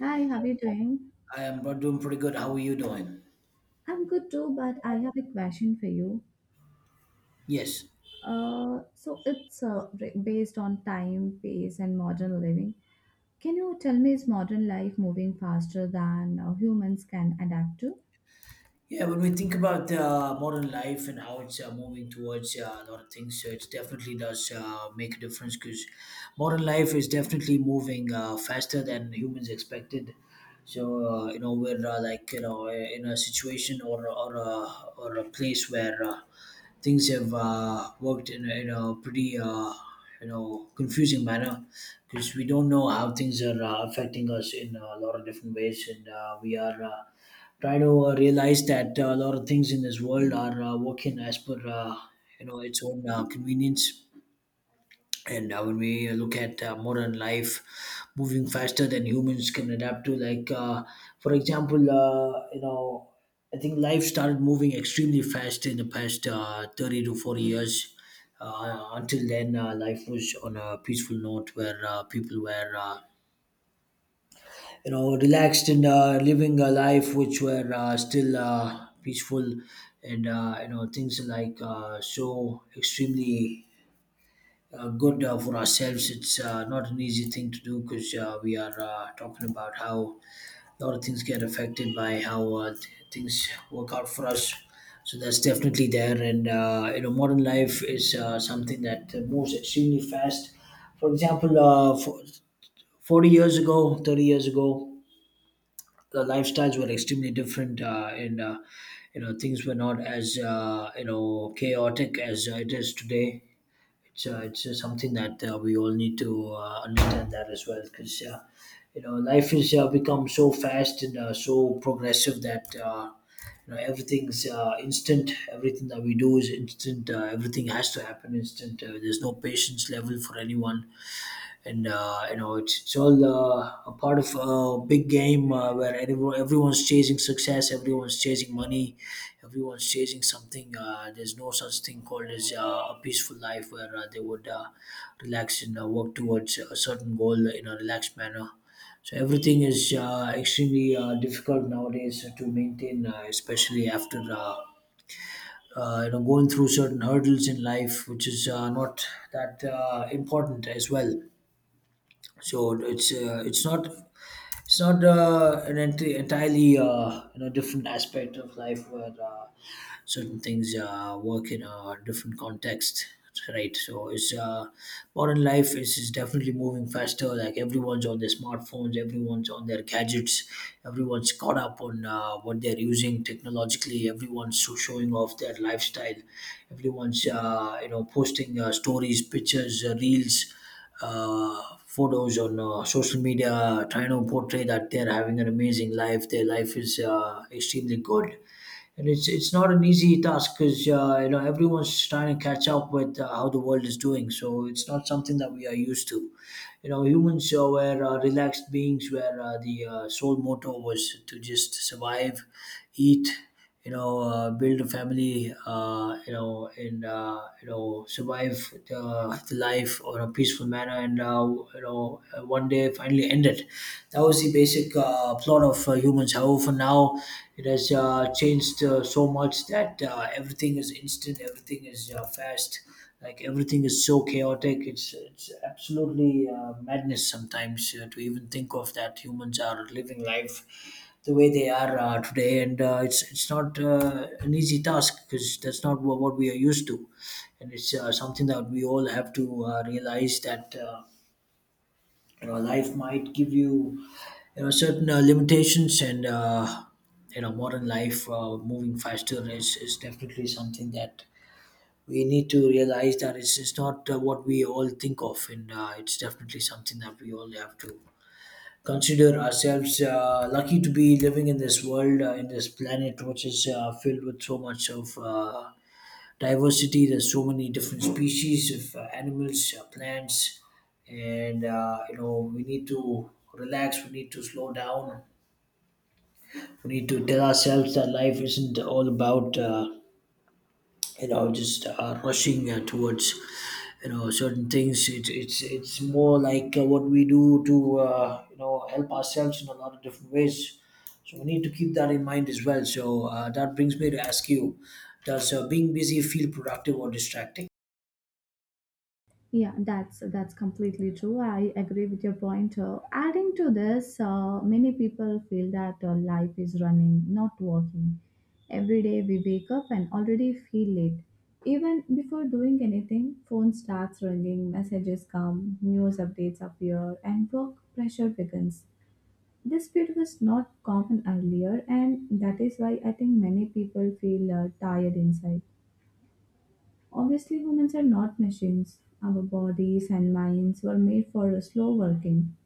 Hi, how are you doing? I am doing pretty good. How are you doing? I'm good too, but I have a question for you. Yes. So it's based on time, pace, and modern living. Can you tell me is modern life moving faster than humans can adapt to? Yeah, when we think about modern life and how it's moving towards a lot of things, it definitely does make a difference because modern life is definitely moving faster than humans expected. So you know we're like you know in a situation or or a place where things have worked in a pretty you know confusing manner because we don't know how things are affecting us in a lot of different ways, and we are trying to realize that a lot of things in this world are working as per you know its own convenience and when we look at modern life moving faster than humans can adapt to like for example you know I think life started moving extremely fast in the past 30 to 40 years until then life was on a peaceful note where people were you know relaxed and living a life which were still peaceful and you know things like so extremely good for ourselves. It's not an easy thing to do because we are talking about how a lot of things get affected by how things work out for us. So that's definitely there. And you know, modern life is something that moves extremely fast. For example, for 40 years ago, 30 years ago, the lifestyles were extremely different, and you know things were not as you know chaotic as it is today. It's something that we all need to understand that as well because you know life has become so fast and so progressive that you know everything's instant, everything that we do is instant, everything has to happen instant, there's no patience level for anyone and you know it's all a part of a big game where everyone's chasing success, everyone's chasing money, everyone's chasing something. There's no such thing called as a peaceful life where they would relax and work towards a certain goal in a relaxed manner. So everything is extremely difficult nowadays to maintain, especially after you know going through certain hurdles in life which is not that important as well. So it's not an ent- entirely you know different aspect of life where certain things work in a different context, right? So it's modern life is definitely moving faster. Like everyone's on their smartphones, everyone's on their gadgets, everyone's caught up on what they're using technologically, everyone's so showing off their lifestyle. Everyone's you know posting stories, pictures, reels, photos on social media, trying to portray that they're having an amazing life. Their life is extremely good, and it's not an easy task because you know everyone's trying to catch up with how the world is doing. So it's not something that we are used to. You know, humans were relaxed beings where the sole motto was to just survive, eat, you know, build a family, you know, and you know survive the life on a peaceful manner. And you know, one day they finally ended. That was the basic plot of humans. However, now it has changed so much that everything is instant, everything is fast, like everything is so chaotic. It's absolutely madness sometimes to even think of that humans are living life the way they are today, and it's not an easy task because that's not what we are used to, and it's something that we all have to realize that. You know life might give you you know certain limitations and you know modern life moving faster is definitely something that we need to realize that it's not what we all think of, and it's definitely something that we all have to consider ourselves lucky to be living in this world, in this planet which is filled with so much of diversity. There's so many different species of animals, plants, and you know we need to relax. We need to slow down. We need to tell ourselves that life isn't all about you know just rushing towards you know certain things. It's more like what we do to you know help ourselves in a lot of different ways. So we need to keep that in mind as well. So that brings me to ask you: Does being busy feel productive or distracting? Yeah, that's completely true. I agree with your point. Adding to this, many people feel that life is running, not walking. Every day we wake up and already feel late. Even before doing anything, phone starts ringing, messages come, news updates appear, and work pressure begins. This speed was not common earlier, and that is why I think many people feel tired inside. Obviously, humans are not machines. Our bodies and minds were made for slow working,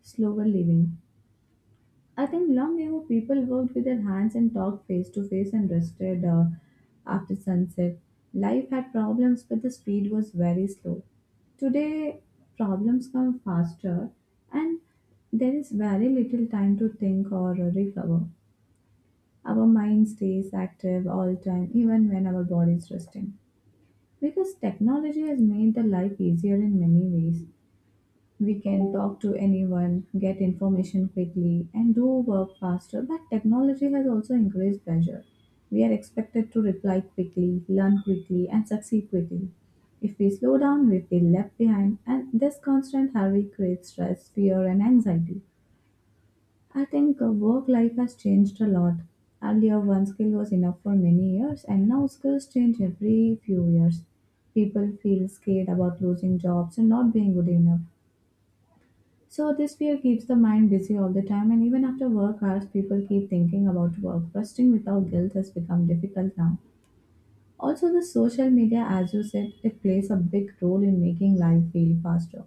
slower living. I think long ago people worked with their hands and talked face to face and rested after sunset. Life had problems, but the speed was very slow. Today, problems come faster and there is very little time to think or recover. Our mind stays active all time, even when our body is resting. Because technology has made the life easier in many ways. We can talk to anyone, get information quickly, and do work faster, but technology has also increased pressure. We are expected to reply quickly, learn quickly, and succeed quickly. If we slow down, we feel left behind, and this constant hurry creates stress, fear, and anxiety. I think work life has changed a lot. Earlier, one skill was enough for many years, and now skills change every few years. People feel scared about losing jobs and not being good enough. So, this fear keeps the mind busy all the time, and even after work hours, people keep thinking about work. Resting without guilt has become difficult now. Also, the social media, as you said, it plays a big role in making life feel faster.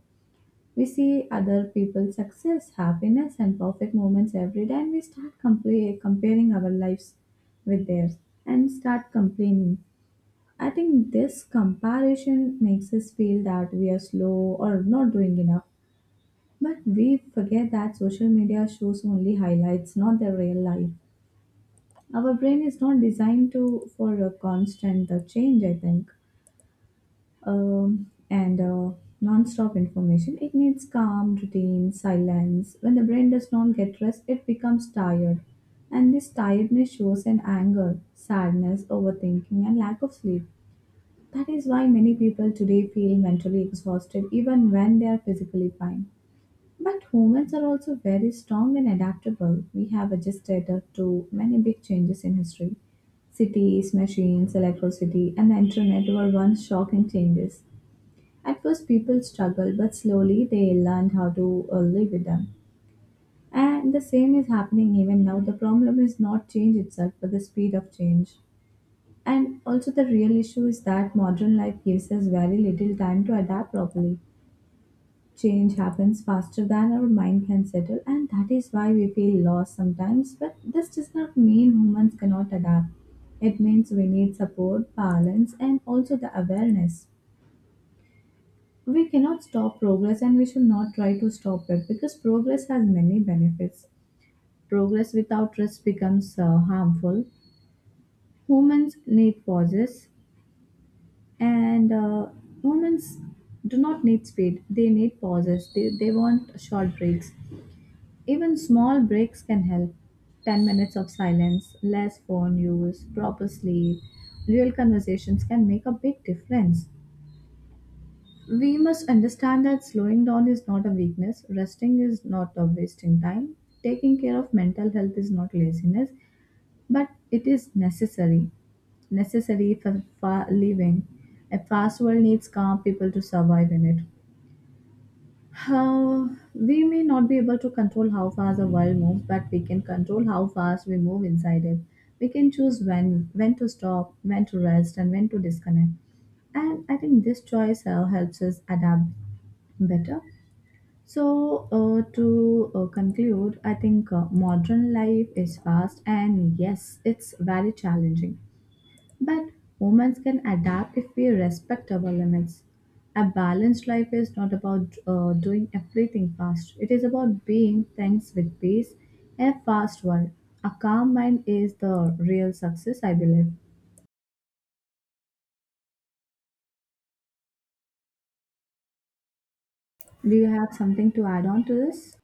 We see other people's success, happiness, and perfect moments every day, and we start comparing our lives with theirs and start complaining. I think this comparison makes us feel that we are slow or not doing enough. But we forget that social media shows only highlights, not the real life. Our brain is not designed to for a constant change, I think. And Non-stop information. It needs calm, routine, silence. When the brain does not get rest, it becomes tired, and this tiredness shows in anger, sadness, overthinking, and lack of sleep. That is why many people today feel mentally exhausted even when they are physically fine. But humans are also very strong and adaptable. We have adjusted to many big changes in history. Cities, machines, electricity, and the internet were once shocking changes at first, people struggle, but slowly they learn how to live with them. And the same is happening even now. The problem is not change itself, but the speed of change. And also, the real issue is that modern life gives us very little time to adapt properly. Change happens faster than our mind can settle, and that is why we feel lost sometimes. But this does not mean humans cannot adapt. It means we need support, balance, and also the awareness. We cannot stop progress and we should not try to stop it because progress has many benefits. Progress without rest becomes harmful. Humans need pauses and uh, humans do not need speed, they need pauses, they want short breaks. Even small breaks can help. 10 minutes of silence, less phone use, proper sleep, real conversations can make a big difference. We must understand that slowing down is not a weakness, resting is not a wasting time, taking care of mental health is not laziness, but it is necessary. Necessary for living. A fast world needs calm people to survive in it. How we may not be able to control how fast the world moves, but we can control how fast we move inside it. We can choose when to stop, when to rest, and when to disconnect. And I think this choice helps us adapt better. So, to conclude, I think modern life is fast and yes, it's very challenging. But humans can adapt if we respect our limits. A balanced life is not about doing everything fast, it is about being things with peace in a fast world. A calm mind is the real success, I believe. Do you have something to add on to this?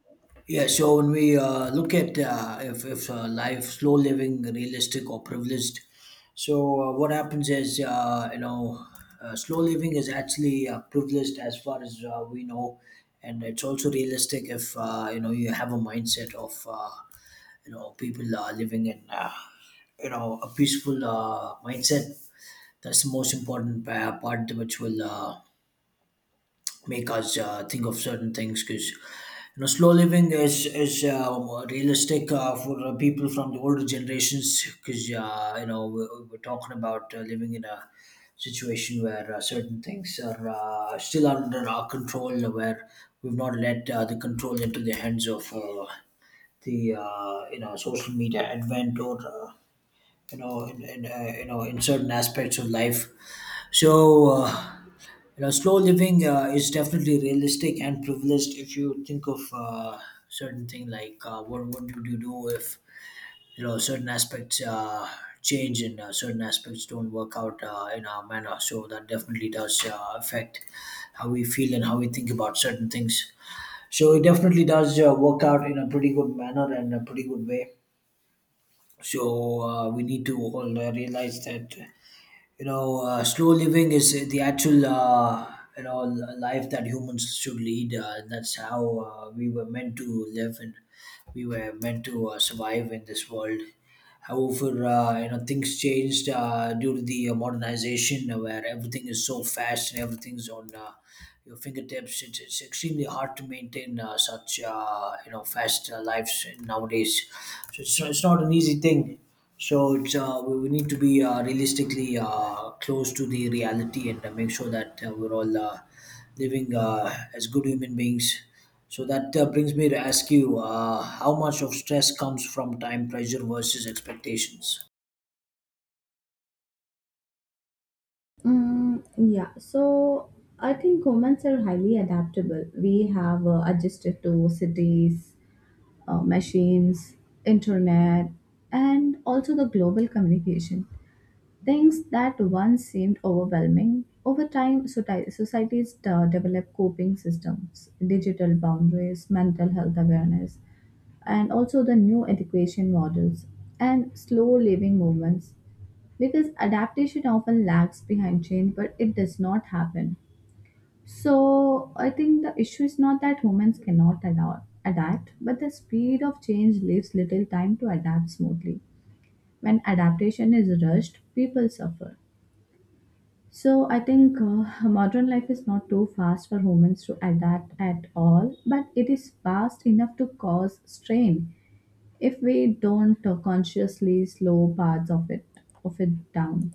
Yeah, so when we look at if life, slow living, realistic or privileged, so what happens is, you know, slow living is actually privileged as far as we know, and it's also realistic if, you know, you have a mindset of, you know, people are living in, you know, a peaceful mindset. That's the most important part which will make us think of certain things, because you know slow living is realistic for people from the older generations, because you know we're talking about living in a situation where certain things are still under our control, where we've not let the control into the hands of the you know social media advent or you know you know in certain aspects of life. So, you know, slow living is definitely realistic and privileged. If you think of certain thing like what would you do if you know certain aspects change and certain aspects don't work out in our manner. So that definitely does affect how we feel and how we think about certain things. So it definitely does work out in a pretty good manner and a pretty good way. So we need to all realize that you know slow living is the actual you know life that humans should lead. That's how we were meant to live and we were meant to survive in this world. However, you know things changed due to the modernization, where everything is so fast and everything's on your fingertips. It's extremely hard to maintain such you know fast lives nowadays. So it's not an easy thing. So it's we need to be realistically close to the reality and make sure that we're all living as good human beings. So that brings me to ask you, how much of stress comes from time pressure versus expectations? Mm, yeah, so I think humans are highly adaptable. We have adjusted to cities, machines, internet, and also the global communication. Things that once seemed overwhelming. Over time, societies develop coping systems, digital boundaries, mental health awareness, and also the new education models and slow living movements because adaptation often lags behind change but it does not happen. So I think the issue is not that humans cannot adapt but the speed of change leaves little time to adapt smoothly. When adaptation is rushed people suffer. So I think modern life is not too fast for humans to adapt at all but it is fast enough to cause strain if we don't consciously slow parts of it down.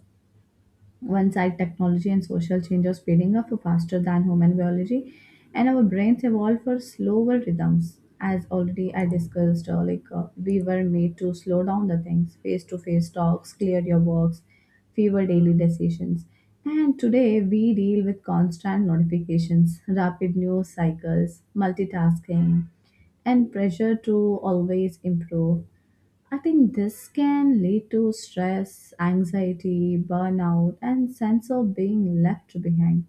One side, technology and social change are speeding up faster than human biology, and our brains evolve for slower rhythms. As already I discussed, we were made to slow down the things, face-to-face talks, clear your works, fewer daily decisions. And today we deal with constant notifications, rapid news cycles, multitasking, and pressure to always improve. I think this can lead to stress, anxiety, burnout, and sense of being left behind.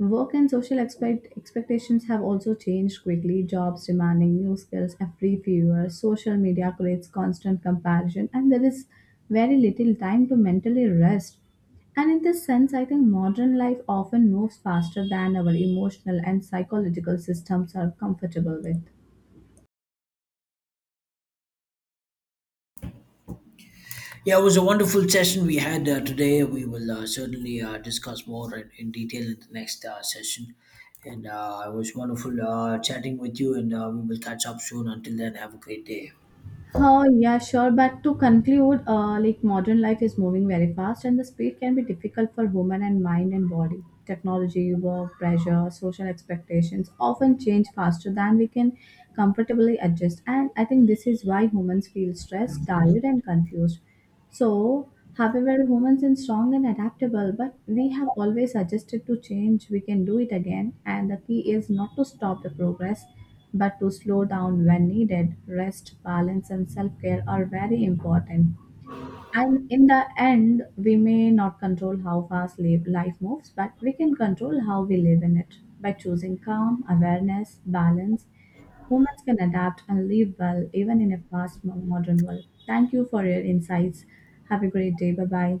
Work and social expectations have also changed quickly. Jobs demanding new skills every few years. Social media creates constant comparison, and there is very little time to mentally rest. And in this sense, I think modern life often moves faster than our emotional and psychological systems are comfortable with. Yeah, it was a wonderful session we had today. We will certainly discuss more in detail in the next session. And it was wonderful chatting with you, and we will catch up soon. Until then, have a great day. Oh, yeah, sure. But to conclude, modern life is moving very fast, and the speed can be difficult for human and mind and body. Technology, work, pressure, social expectations often change faster than we can comfortably adjust. And I think this is why humans feel stressed, tired, and confused. So, however, humans are strong and adaptable, but we have always adjusted to change, we can do it again. And the key is not to stop the progress, but to slow down when needed. Rest, balance, and self care are very important. And in the end, we may not control how fast life moves, but we can control how we live in it. By choosing calm, awareness, balance, humans can adapt and live well even in a fast modern world. Thank you for your insights. Have a great day. Bye bye.